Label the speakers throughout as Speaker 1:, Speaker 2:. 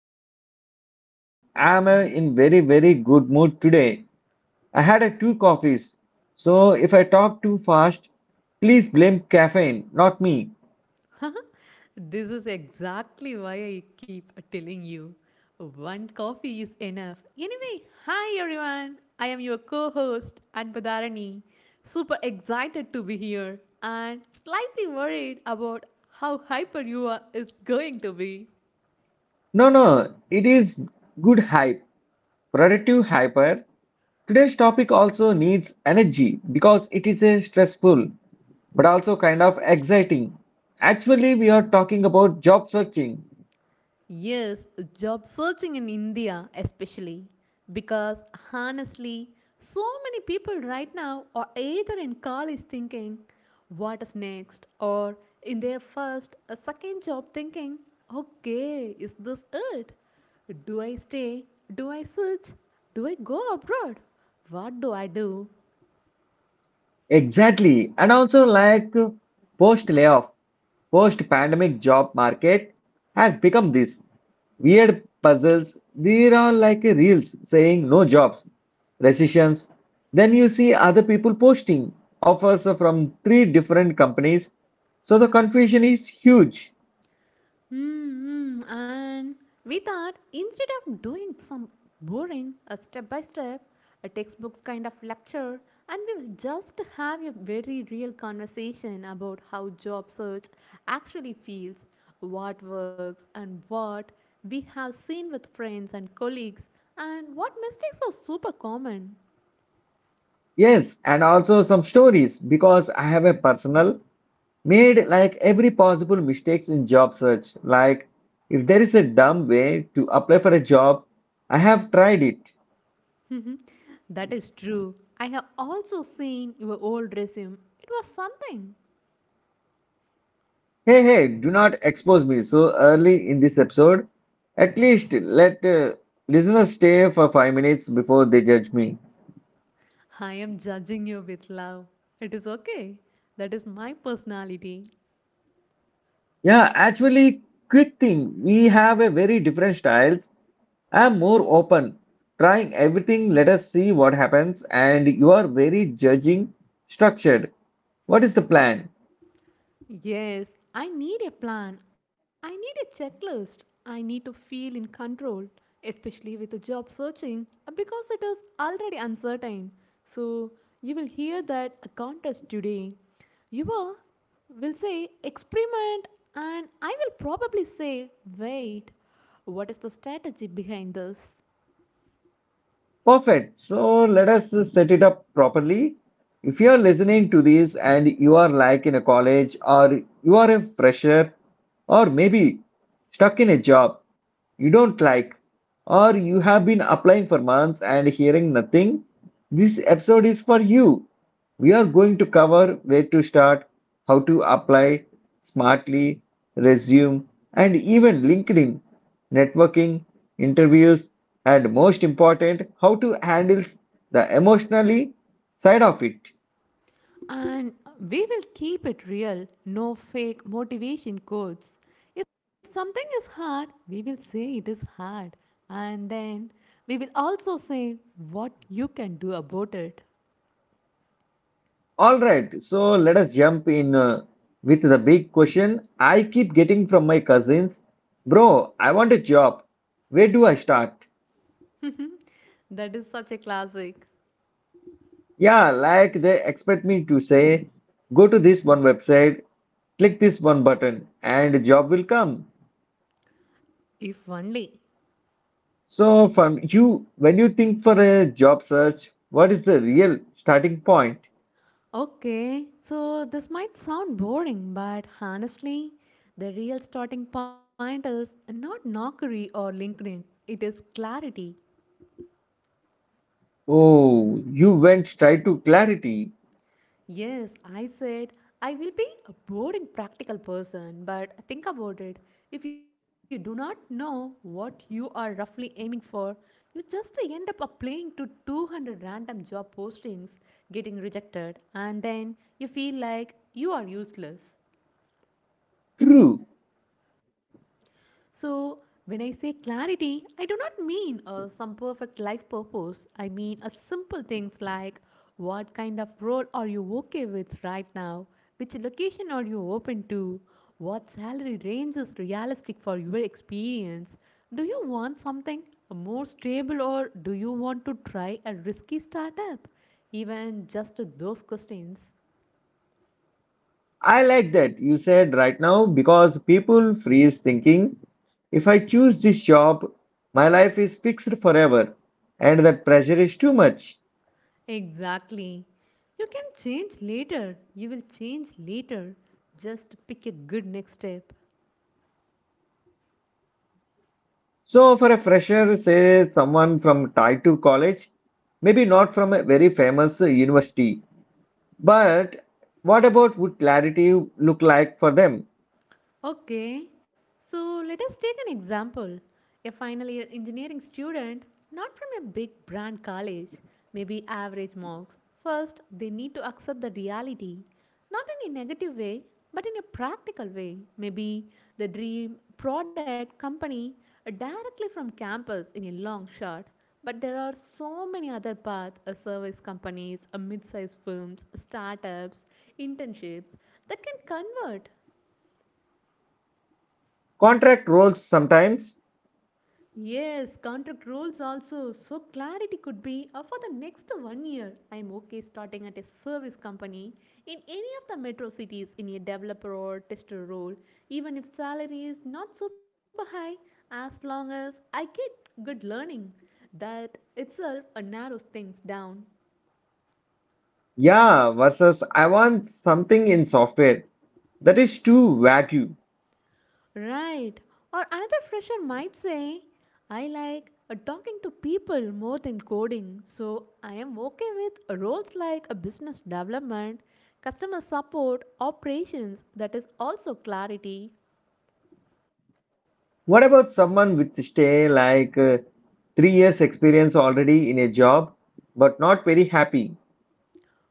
Speaker 1: host Yukartik. I'm in very good mood today. I had two coffees. So if I talk too fast, please blame caffeine, not me.
Speaker 2: This is exactly why I keep telling you one coffee is enough. Anyway, hi everyone. I am your co host, Anpadarani. Super excited to be here and slightly worried about how hyper you are is going to be.
Speaker 1: No, no, it is good hype. Productive hyper. Today's topic also needs energy because it is a stressful but also kind of exciting. Actually, we are talking about job searching.
Speaker 2: Yes, job searching in India, especially because honestly, so many people right now are either in college thinking, what is next, or in their first, a second job thinking, okay, is this it? Do I stay? Do I search? Do I go abroad? What do I do?
Speaker 1: Exactly. And also like post layoff, post pandemic job market has become this weird puzzles. There are like reels saying no jobs, recessions. Then you see other people posting offers from three different companies. So the confusion is huge.
Speaker 2: Mm-hmm. And we thought instead of doing some boring, a step by step, a textbooks kind of lecture, and we will just have a very real conversation about how job search actually feels, what works, and what we have seen with friends and colleagues, and what mistakes are super common.
Speaker 1: Yes, and also some stories because I have a personal made like every possible mistakes in job search. Like if there is a dumb way to apply for a job, I have tried it.
Speaker 2: That is true. I have also seen your old resume. It was something.
Speaker 1: Hey, hey, do not expose me so early in this episode. At least let listeners stay for 5 minutes before they judge me.
Speaker 2: I am judging you with love. It is okay. That is my personality.
Speaker 1: Yeah, actually, quick thing, we have a very different styles. I'm more open, trying everything. Let us see what happens. And you are very judging, structured. What is the plan?
Speaker 2: Yes, I need a plan. I need a checklist. I need to feel in control, especially with the job searching because it is already uncertain. So, you will hear that a contest today. You will say experiment, and I will probably say wait. What is the strategy behind this?
Speaker 1: Perfect. So let us set it up properly. If you're listening to this and you are like in a college or you are a fresher or maybe stuck in a job you don't like or you have been applying for months and hearing nothing, this episode is for you. We are going to cover where to start, how to apply smartly, resume, and even LinkedIn, networking, interviews, and most important, how to handle the emotionally side of it.
Speaker 2: And we will keep it real, no fake motivation quotes. If something is hard, we will say it is hard. And then we will also say what you can do about it.
Speaker 1: All right, so let us jump in with the big question I keep getting from my cousins. Bro, I want a job. Where do I start?
Speaker 2: That is such a classic.
Speaker 1: Yeah, like they expect me to say, go to this one website, click this one button, and a job will come.
Speaker 2: If only.
Speaker 1: So, from you, when you think for a job search, what is the real starting point?
Speaker 2: Okay, so this might sound boring, but honestly, the real starting point is not knockery or LinkedIn, it is clarity.
Speaker 1: Oh, you went straight to clarity.
Speaker 2: Yes, I said I will be a boring practical person, but think about it. If you do not know what you are roughly aiming for, you just end up applying to 200 random job postings, getting rejected, and then you feel like you are useless.
Speaker 1: True.
Speaker 2: So, when I say clarity, I do not mean some perfect life purpose. I mean a simple things like what kind of role are you okay with right now? Which location are you open to? What salary range is realistic for your experience? Do you want something more stable or do you want to try a risky startup? Even just those questions
Speaker 1: I like that you said right now because people freeze thinking if I choose this job, my life is fixed forever, and that pressure is too much.
Speaker 2: exactly. You can change later. You will change later. Just pick a good next step.
Speaker 1: So, for a fresher, say someone from tied to college, maybe not from a very famous university, but what about would clarity look like for them?
Speaker 2: Okay, so let us take an example. A final year engineering student, not from a big brand college, maybe average marks. First, they need to accept the reality, not in a negative way, but in a practical way. Maybe the dream product company directly from campus in a long shot. But there are so many other paths, service companies, mid sized firms, startups, internships that can convert.
Speaker 1: Contract roles sometimes,
Speaker 2: Yes, contract rules also. So clarity could be, for the next 1 year, I'm okay starting at a service company in any of the metro cities in a developer or tester role, even if salary is not super high, as long as I get good learning. That itself narrows things down.
Speaker 1: yeah, versus I want something in software. That is too vague.
Speaker 2: Right. Or another fresher might say, I like, talking to people more than coding, so I am okay with roles like a business development, customer support, operations. That is also clarity.
Speaker 1: What about someone with stay like 3 years experience already in a job but not very happy?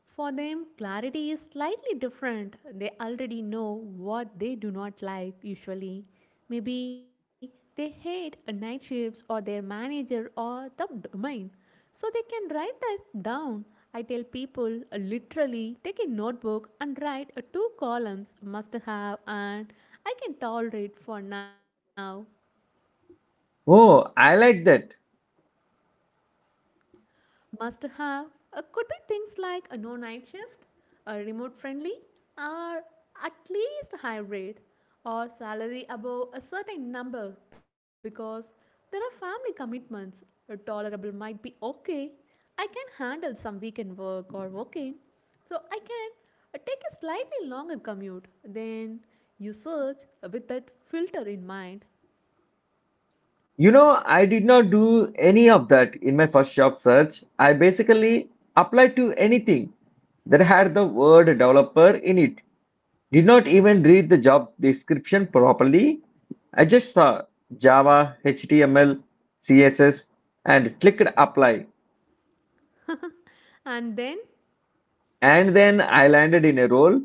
Speaker 2: For them, clarity is slightly different. They already know what they do not like usually. Maybe they hate a night shifts or their manager or the domain. So they can write that down. I tell people, literally take a notebook and write two columns, must have and I can tolerate for now.
Speaker 1: Oh, I like that.
Speaker 2: Must have, could be things like a no night shift, a remote friendly, or at least hybrid, or salary above a certain number because there are family commitments. A tolerable might be okay. I can handle some weekend work or working, so I can, take a slightly longer commute. Then you search with that filter in mind,
Speaker 1: You know, I did not do any of that in my first job search. I basically applied to anything that had the word developer in it. Did not even read the job description properly. I just saw Java, HTML, CSS and clicked apply.
Speaker 2: and then
Speaker 1: And then I landed in a role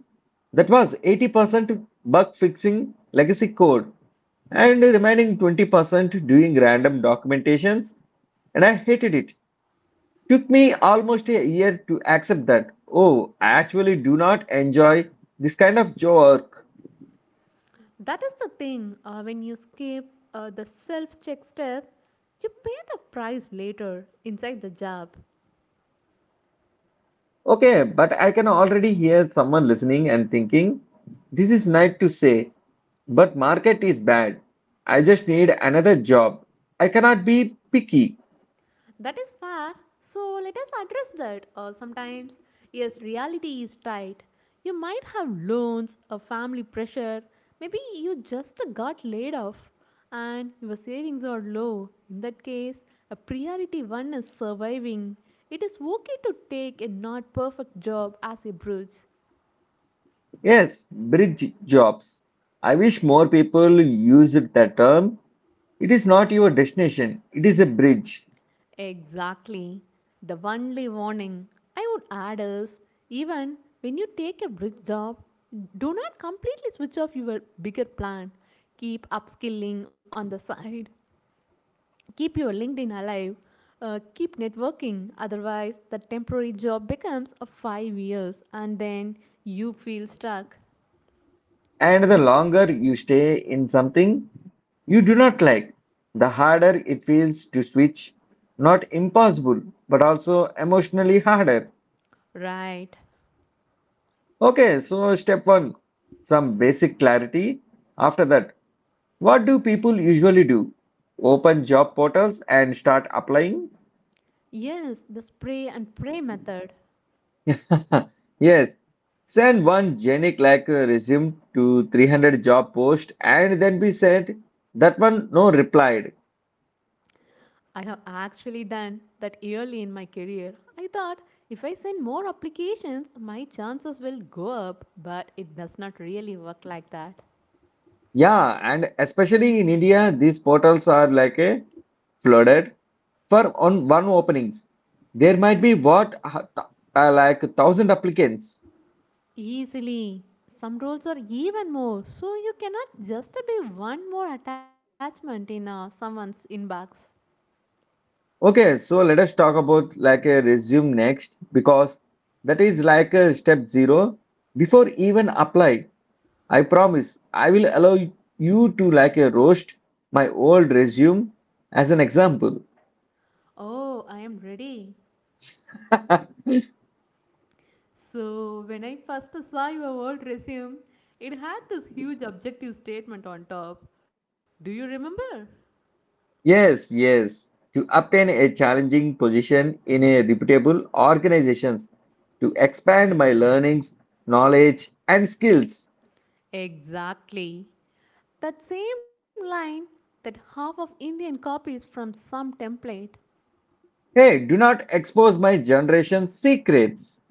Speaker 1: that was 80% bug fixing legacy code and the remaining 20% doing random documentations. And I hated it. Took me almost a year to accept that. Oh, I actually do not enjoy this kind of work.
Speaker 2: that is the thing. When you skip the self check step, you pay the price later inside the job.
Speaker 1: Okay, but I can already hear someone listening and thinking, this is nice to say, but market is bad. I just need another job. I cannot be picky.
Speaker 2: That is fair. So let us address that. Sometimes, yes, reality is tight. You might have loans, a family pressure. Maybe you just got laid off and your savings are low. In that case, a priority one is surviving. It is okay to take a not perfect job as a bridge.
Speaker 1: Yes, bridge jobs. I wish more people used that term. It is not your destination, it is a bridge.
Speaker 2: Exactly. The only warning I would add is even when you take a bridge job, do not completely switch off your bigger plan. Keep upskilling on the side, keep your LinkedIn alive, keep networking. Otherwise, the temporary job becomes a 5 years and then you feel stuck.
Speaker 1: And the longer you stay in something you do not like, the harder it feels to switch. Not impossible, but also emotionally harder.
Speaker 2: Right.
Speaker 1: Okay, so step one, some basic clarity. After that, what do people usually do? Open job portals and start applying.
Speaker 2: Yes, the spray and pray method.
Speaker 1: Yes, send one genic like resume to 300 job post and then be said that one no replied.
Speaker 2: I have actually done that early in my career. I thought if I send more applications, my chances will go up, but it does not really work like that.
Speaker 1: Yeah, and especially in India, these portals are like a flooded for on one openings. There might be what like thousand applicants.
Speaker 2: Easily. Some roles are even more, so you cannot just be one more attachment in someone's inbox.
Speaker 1: Okay, so let us talk about like a resume next because that is like a step zero before even apply. I promise I will allow you to like a roast my old resume as an example.
Speaker 2: Oh, I am ready. So, when I first saw your old resume, it had this huge objective statement on top. Do you remember?
Speaker 1: Yes, yes. To obtain a challenging position in a reputable organizations, to expand my learnings, knowledge, and skills.
Speaker 2: Exactly. That same line that half of Indian copies from some template.
Speaker 1: Hey, do not expose my generation's secrets.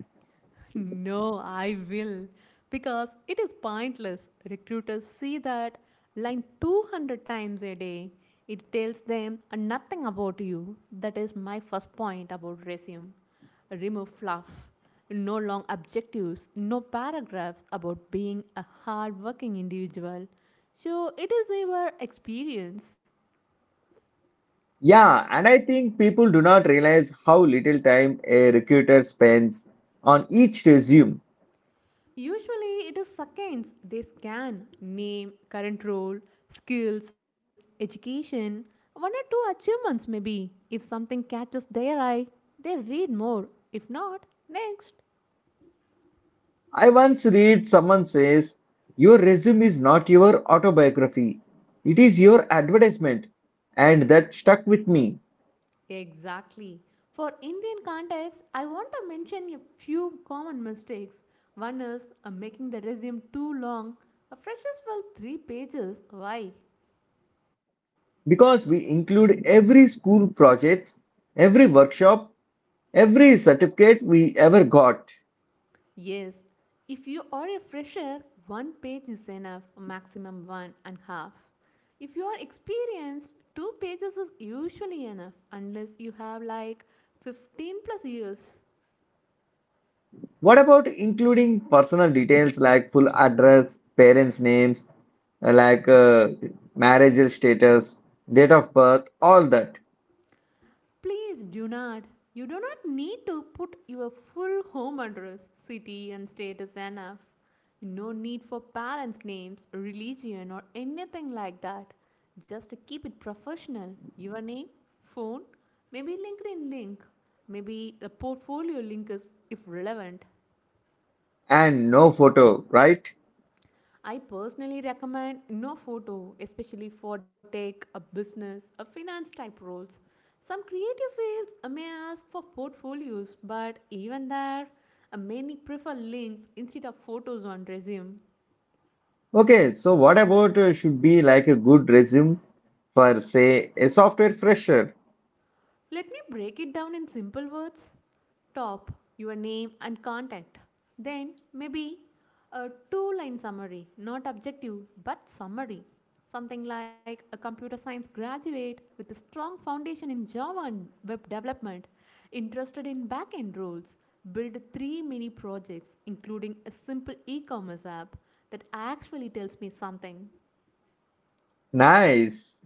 Speaker 2: No, I will. Because it is pointless. Recruiters see that line 200 times a day. It tells them nothing about you. That is my first point about resume. Remove fluff. No long objectives, no paragraphs about being a hardworking individual. So it is your experience.
Speaker 1: Yeah, and I think people do not realize how little time a recruiter spends on each resume.
Speaker 2: Usually, it is seconds. They scan name, current role, skills, education, one or two achievements, maybe. If something catches their eye, they read more. If not, next.
Speaker 1: I once read someone says, your resume is not your autobiography, it is your advertisement. And that stuck with me
Speaker 2: Exactly. For Indian context, I want to mention a few common mistakes. One is making the resume too long. A freshers will three pages. Why?
Speaker 1: because we include every school projects, every workshop, every certificate we ever got.
Speaker 2: Yes, if you are a fresher, one page is enough, maximum one and half. If you are experienced, two pages is usually enough unless you have like 15 plus years.
Speaker 1: What about including personal details like full address, parents' names, like marital status, date of birth, all that,
Speaker 2: Please do not. You do not need to put your full home address, city, and state is enough. No need for parents' names, religion, or anything like that. Just keep it professional. Your name, phone, maybe LinkedIn link, maybe a portfolio link is if relevant.
Speaker 1: and no photo, right?
Speaker 2: I personally recommend no photo, especially for tech, a business, a finance type roles. Some creative fields may ask for portfolios, but even there, many prefer links instead of photos on resume.
Speaker 1: Okay, so what about should be like a good resume for, say, a software fresher?
Speaker 2: Let me break it down in simple words. Top, your name and contact. Then maybe a two line summary, not objective but summary. Something like a computer science graduate with a strong foundation in Java and web development, interested in back end roles, build three mini projects, including a simple e commerce app. That actually tells me something.
Speaker 1: Nice.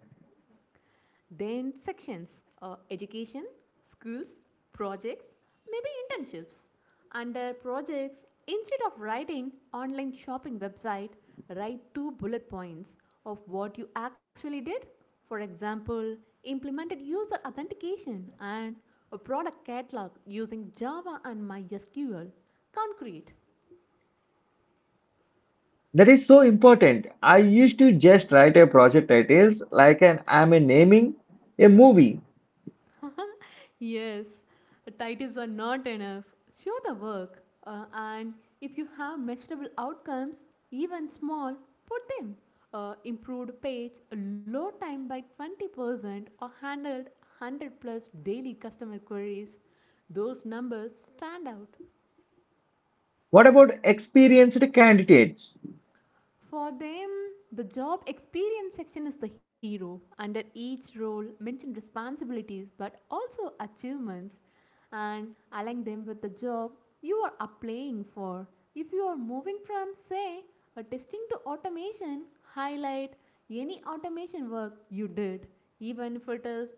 Speaker 2: Then sections, education, skills, projects, maybe internships. Under projects, instead of writing online shopping website, write two bullet points of what you actually did. For example, implemented user authentication and a product catalog using Java and MySQL. Concrete.
Speaker 1: That is so important. I used to just write a project titles like an I'm a naming a movie.
Speaker 2: Yes, titles are not enough. Show the work, and if you have measurable outcomes, even small, put them. Improved page, low time by 20%, or handled 100 plus daily customer queries. Those numbers stand out.
Speaker 1: What about experienced candidates?
Speaker 2: For them, the job experience section is the hero. Under each role, mention responsibilities but also achievements and align them with the job you are applying for. If you are moving from, say, a testing to automation, highlight any automation work you did, even if it is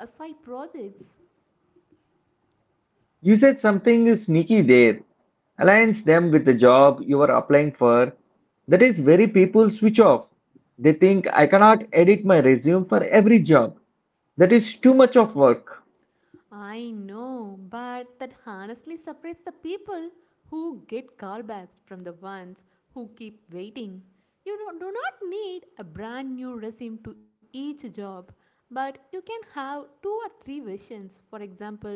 Speaker 2: a side projects.
Speaker 1: You said something sneaky there. Aligns them with the job you are applying for. That is very people switch off. They think I cannot edit my resume for every job. That is too much of work.
Speaker 2: I know, but that honestly separates the people who get callbacks from the ones who keep waiting. You don't- Do not need a brand new resume to each job, but you can have two or three versions. For example,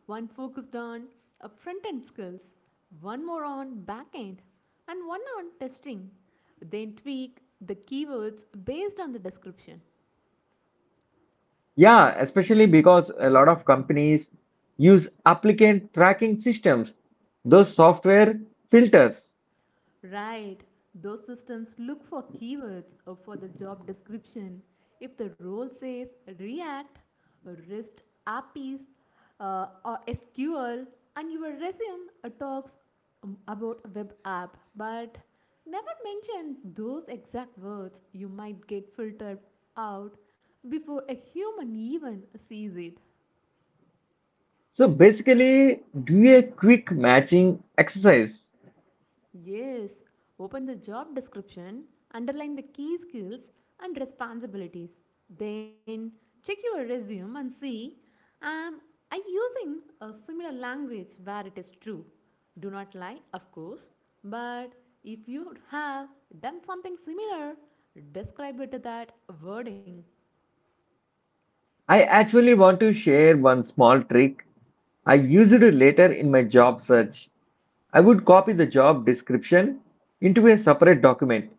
Speaker 2: one focused on front end skills, one more on back end, and one on testing. Then tweak the keywords based on the description.
Speaker 1: Yeah, especially because a lot of companies use applicant tracking systems, those software filters.
Speaker 2: Right. Those systems look for keywords for the job description. If the role says React, REST APIs, or SQL, and your resume talks about a web app, but never mention those exact words, you might get filtered out before a human even sees it.
Speaker 1: So basically, do a quick matching exercise.
Speaker 2: Yes, open the job description, underline the key skills and responsibilities. Then check your resume and see am I using a similar language where it is true. Do not lie, of course, but if you have done something similar, describe it that wording.
Speaker 1: I actually want to share one small trick I used it later in my job search. I would copy the job description into a separate document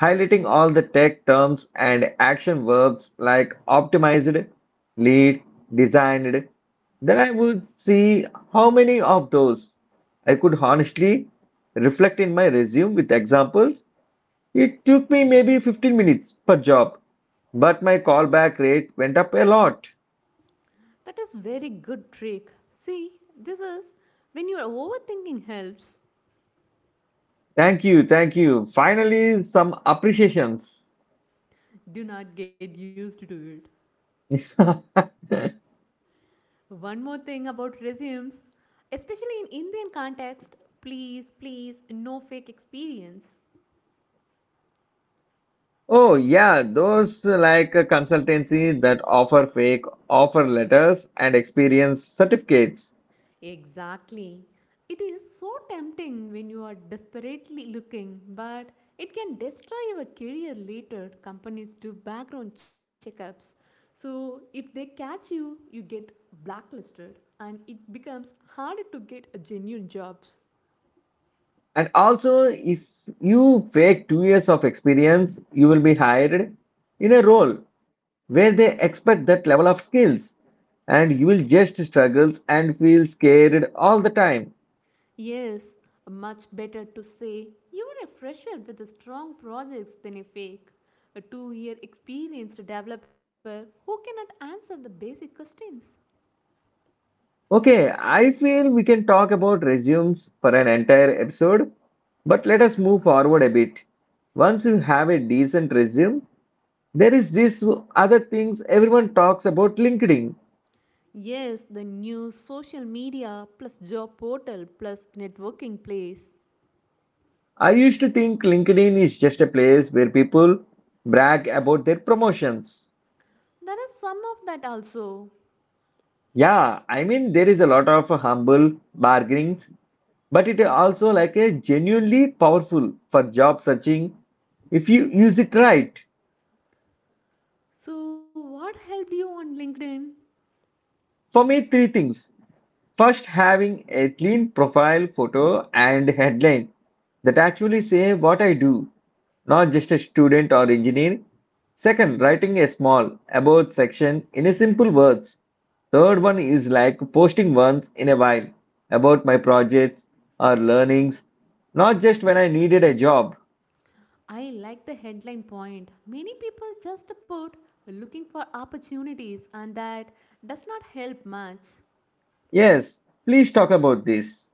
Speaker 1: highlighting all the tech terms and action verbs like optimized, lead, designed, then I would see how many of those I could honestly reflect in my resume with examples. It took me maybe 15 minutes per job, but my callback rate went up a lot.
Speaker 2: That is very good trick. See, this is when your overthinking helps.
Speaker 1: Thank you, thank you. Finally, some appreciations.
Speaker 2: Do not get used to it. One more thing about resumes, especially in Indian context, please, please, no fake experience.
Speaker 1: Oh, yeah, those like a consultancy that offer fake offer letters and experience certificates.
Speaker 2: Exactly. It is so tempting when you are desperately looking, but it can destroy your career later. Companies do background checkups. So if they catch you, you get blacklisted and it becomes harder to get a genuine jobs.
Speaker 1: And also, if you fake 2 years of experience, you will be hired in a role where they expect that level of skills, and you will just struggles and feel scared all the time.
Speaker 2: Yes, much better to say you are a fresher with a strong projects than a fake, a 2 year experienced developer who cannot answer the basic questions.
Speaker 1: Okay, I feel we can talk about resumes for an entire episode, but let us move forward a bit. Once you have a decent resume, there is this other things everyone talks about LinkedIn.
Speaker 2: Yes, the new social media plus job portal plus networking place.
Speaker 1: I used to think LinkedIn is just a place where people brag about their promotions.
Speaker 2: There is some of that also.
Speaker 1: Yeah, I mean there is a lot of humble bargainings, but it is also like a genuinely powerful for job searching if you use it right.
Speaker 2: So, what helped you on LinkedIn?
Speaker 1: For me, three things. First, having a clean profile photo and headline that actually say what I do, not just a student or engineer. Second, writing a small about section in a simple words. Third one is like posting once in a while about my projects or learnings, not just when I needed a job.
Speaker 2: I like the headline point. Many people just put looking for opportunities, and that does not help much.
Speaker 1: Yes, please talk about this.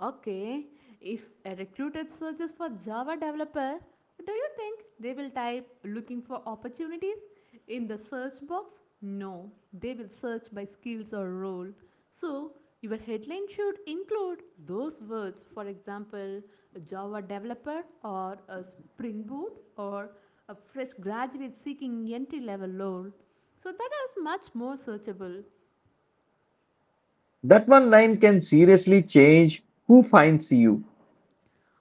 Speaker 2: Okay, if a recruiter searches for Java developer, do you think they will type looking for opportunities in the search box? No, they will search by skills or role. So, your headline should include those words, for example, Java developer or a Spring Boot or a fresh graduate seeking entry level role. So, that is much more searchable.
Speaker 1: That one line can seriously change who finds you.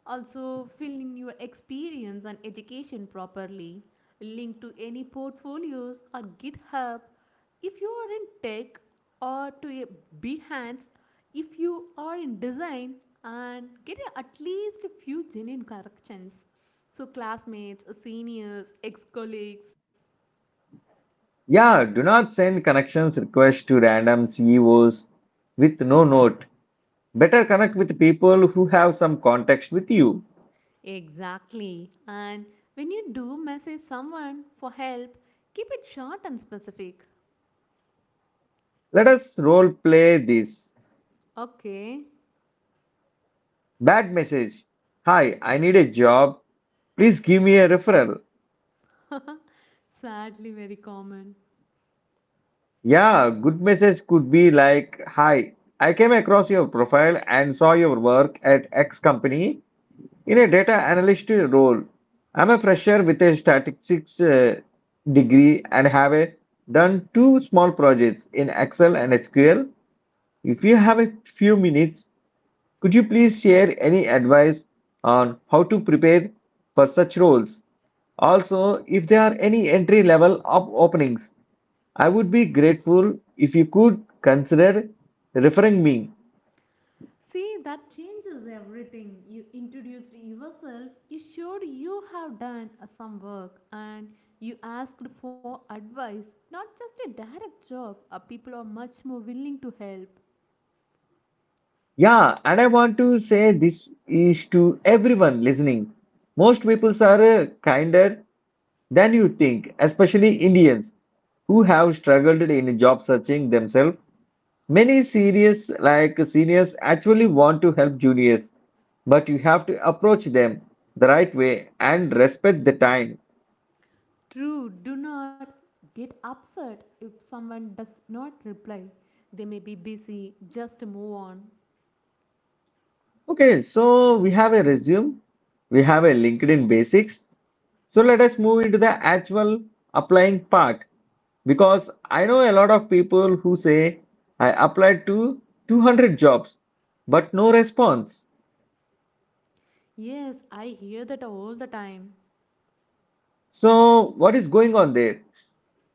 Speaker 2: Also, filling your experience and education properly, link to any portfolios or GitHub. If you are in tech or to a Behance, if you are in design and at least a few genuine corrections. So, classmates, seniors, ex colleagues.
Speaker 1: Yeah, do not send connections requests to random CEOs with no note. Better connect with people who have some context with you.
Speaker 2: Exactly. And when you do message someone for help, keep it short and specific.
Speaker 1: Let us role play this.
Speaker 2: Okay.
Speaker 1: Bad message. Hi, I need a job. Please give me a referral.
Speaker 2: Sadly, very common.
Speaker 1: Yeah, good message could be like, Hi, I came across your profile and saw your work at X company. In a data analyst role, I'm a fresher with a statistics degree and have done two small projects in Excel and SQL. If you have a few minutes, could you please share any advice on how to prepare for such roles? Also, if there are any entry level of openings, I would be grateful if you could consider referring me.
Speaker 2: See, that changes everything. You introduced yourself, you showed you have done some work, and you asked for advice, not just a direct job. People are much more willing to help.
Speaker 1: Yeah, and I want to say this is to everyone listening. Most people are kinder than you think, especially Indians who have struggled in job searching themselves. Many serious like seniors actually want to help juniors, but you have to approach them the right way and respect the time.
Speaker 2: True, do not get upset if someone does not reply. They may be busy, just move on.
Speaker 1: Okay, so we have a resume, we have a LinkedIn basics. So let us move into the actual applying part because I know a lot of people who say I applied to 200 jobs but no response.
Speaker 2: Yes, I hear that all the time.
Speaker 1: So what is going on there?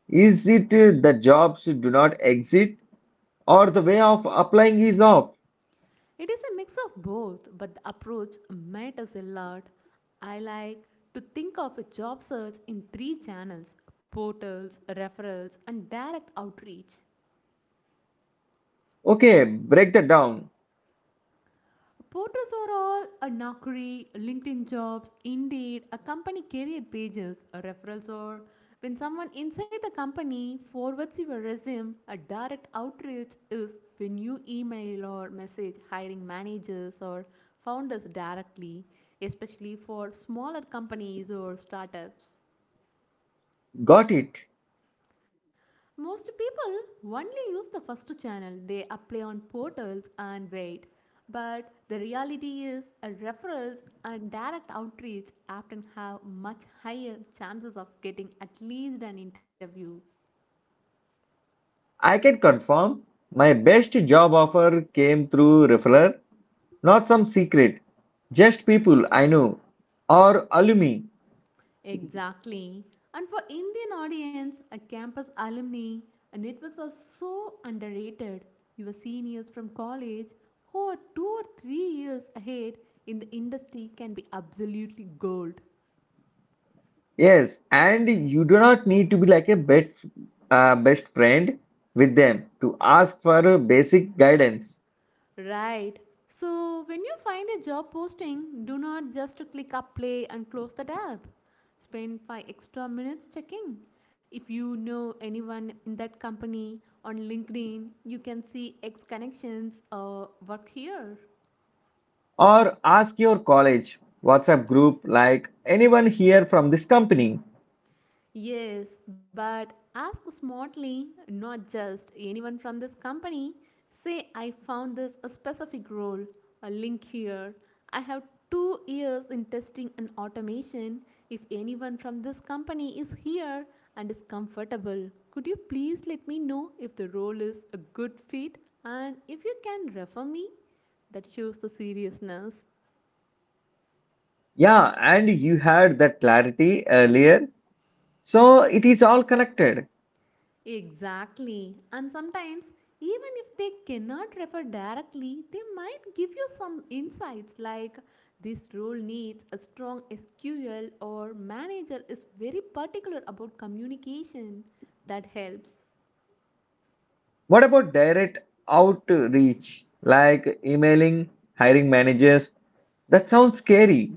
Speaker 1: Is it the jobs do not exist or the way of applying is off?
Speaker 2: It is a mix of both, but the approach matters a lot. I like to think of a job search in three channels portals, referrals, and direct outreach.
Speaker 1: Okay, break that down.
Speaker 2: Portals are all a knockery, LinkedIn jobs, Indeed, a company career pages, a referrals or when someone inside the company forwards your resume, a direct outreach is when you email or message hiring managers or founders directly, especially for smaller companies or startups.
Speaker 1: Got it.
Speaker 2: Most people only use the first channel. They apply on portals and wait. But the reality is, referrals and direct outreach often have much higher chances of getting at least an interview.
Speaker 1: I can confirm my best job offer came through referral. Not some secret, just people I know or alumni.
Speaker 2: Exactly. And for Indian audience, a campus alumni, networks are so underrated. Your seniors from college who are 2 or 3 years ahead in the industry can be absolutely gold.
Speaker 1: Yes, and you do not need to be like a best friend with them to ask for a basic guidance
Speaker 2: Right. So, when you find a job posting, do not just click apply and close the tab. Spend 5 extra minutes checking. If you know anyone in that company on LinkedIn, you can see X connections or work here.
Speaker 1: or ask your college WhatsApp group like anyone here from this company.
Speaker 2: Yes, but ask smartly, not just anyone from this company. Say, I found this a specific role, a link here. I have 2 years in testing and automation. If anyone from this company is here and is comfortable, could you please let me know if the role is a good fit and if you can refer me? That shows the seriousness.
Speaker 1: Yeah, and you had that clarity earlier, so it is all connected.
Speaker 2: Exactly. And sometimes, even if they cannot refer directly, they might give you some insights like this role needs a strong SQL or manager is very particular about communication. That helps.
Speaker 1: What about direct outreach like emailing hiring managers? That sounds scary.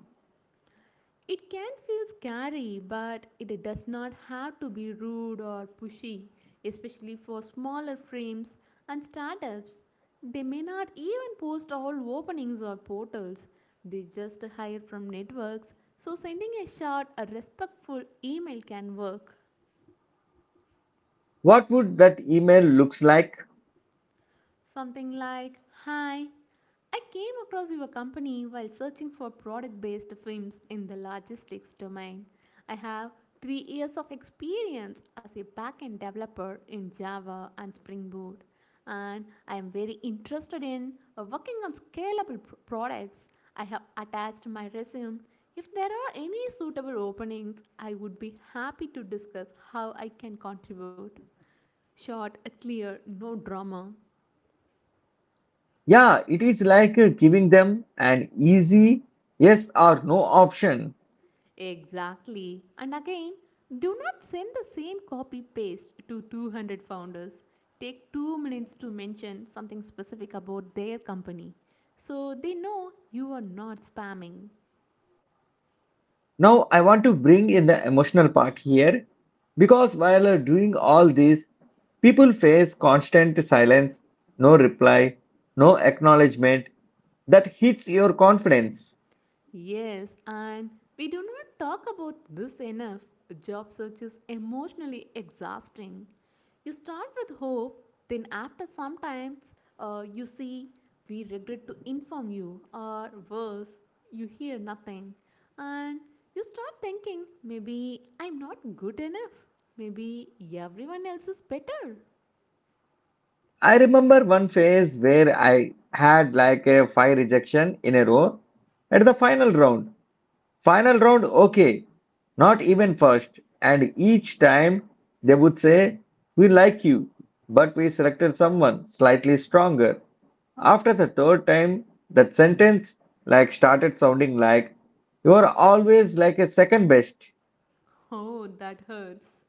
Speaker 2: It can feel scary, but it does not have to be rude or pushy, especially for smaller frames and startups. They may not even post all openings or portals. They just hire from networks, so sending a short, a respectful email can work.
Speaker 1: What would that email looks like?
Speaker 2: Something like, hi, I came across your company while searching for product based firms in the logistics domain. I have 3 years of experience as a backend developer in Java and Spring Boot, and I am very interested in working on scalable products. I have attached my resume. If there are any suitable openings, I would be happy to discuss how I can contribute. Short, clear, no drama.
Speaker 1: Yeah, it is like giving them an easy yes or no option.
Speaker 2: Exactly. And again, do not send the same copy paste to 200 founders. Take 2 minutes to mention something specific about their company so they know you are not spamming.
Speaker 1: Now I want to bring in the emotional part here because while doing all this, people face constant silence, no reply, no acknowledgement that hits your confidence.
Speaker 2: Yes, and we do not talk about this enough. Job search is emotionally exhausting. You start with hope, then, after some times, you see, we regret to inform you, or worse, you hear nothing. And you start thinking, maybe I'm not good enough. Maybe everyone else is better.
Speaker 1: I remember one phase where I had like a five rejection in a row at the final round. Final round, okay, not even first. And each time they would say, we like you, but we selected someone slightly stronger. After the third time, that sentence like started sounding like you are always like a second best.
Speaker 2: Oh, that hurts.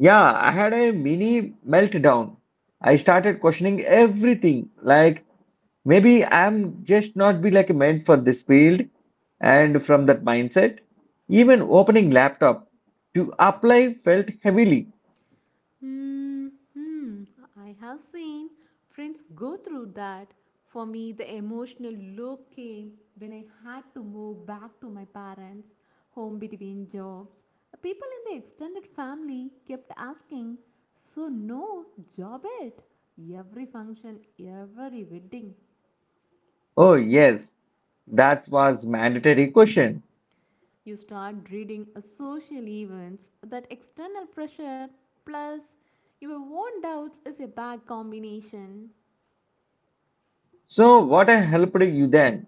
Speaker 1: Yeah, I had a mini meltdown. I started questioning everything. Like, maybe I'm just not be like meant for this field. And from that mindset, even opening laptop to apply felt heavily.
Speaker 2: Hmm, hmm, I have seen friends go through that. For me, the emotional low came when I had to move back to my parents' home between jobs. People in the extended family kept asking, so, no, job it. Every function, every wedding.
Speaker 1: Oh yes, that was mandatory question.
Speaker 2: You start reading social events that external pressure plus your own doubts is a bad combination.
Speaker 1: So what I helped you then?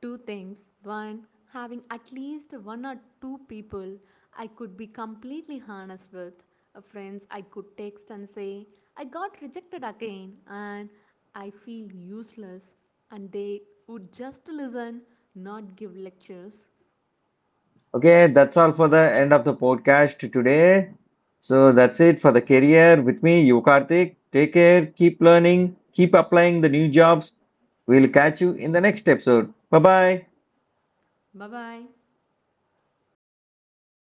Speaker 2: Two things. One, having at least one or two people I could be completely honest with, friends I could text and say, I got rejected again and I feel useless, and they would just listen, not give lectures.
Speaker 1: Okay, that's all for the end of the podcast today.
Speaker 2: Bye bye.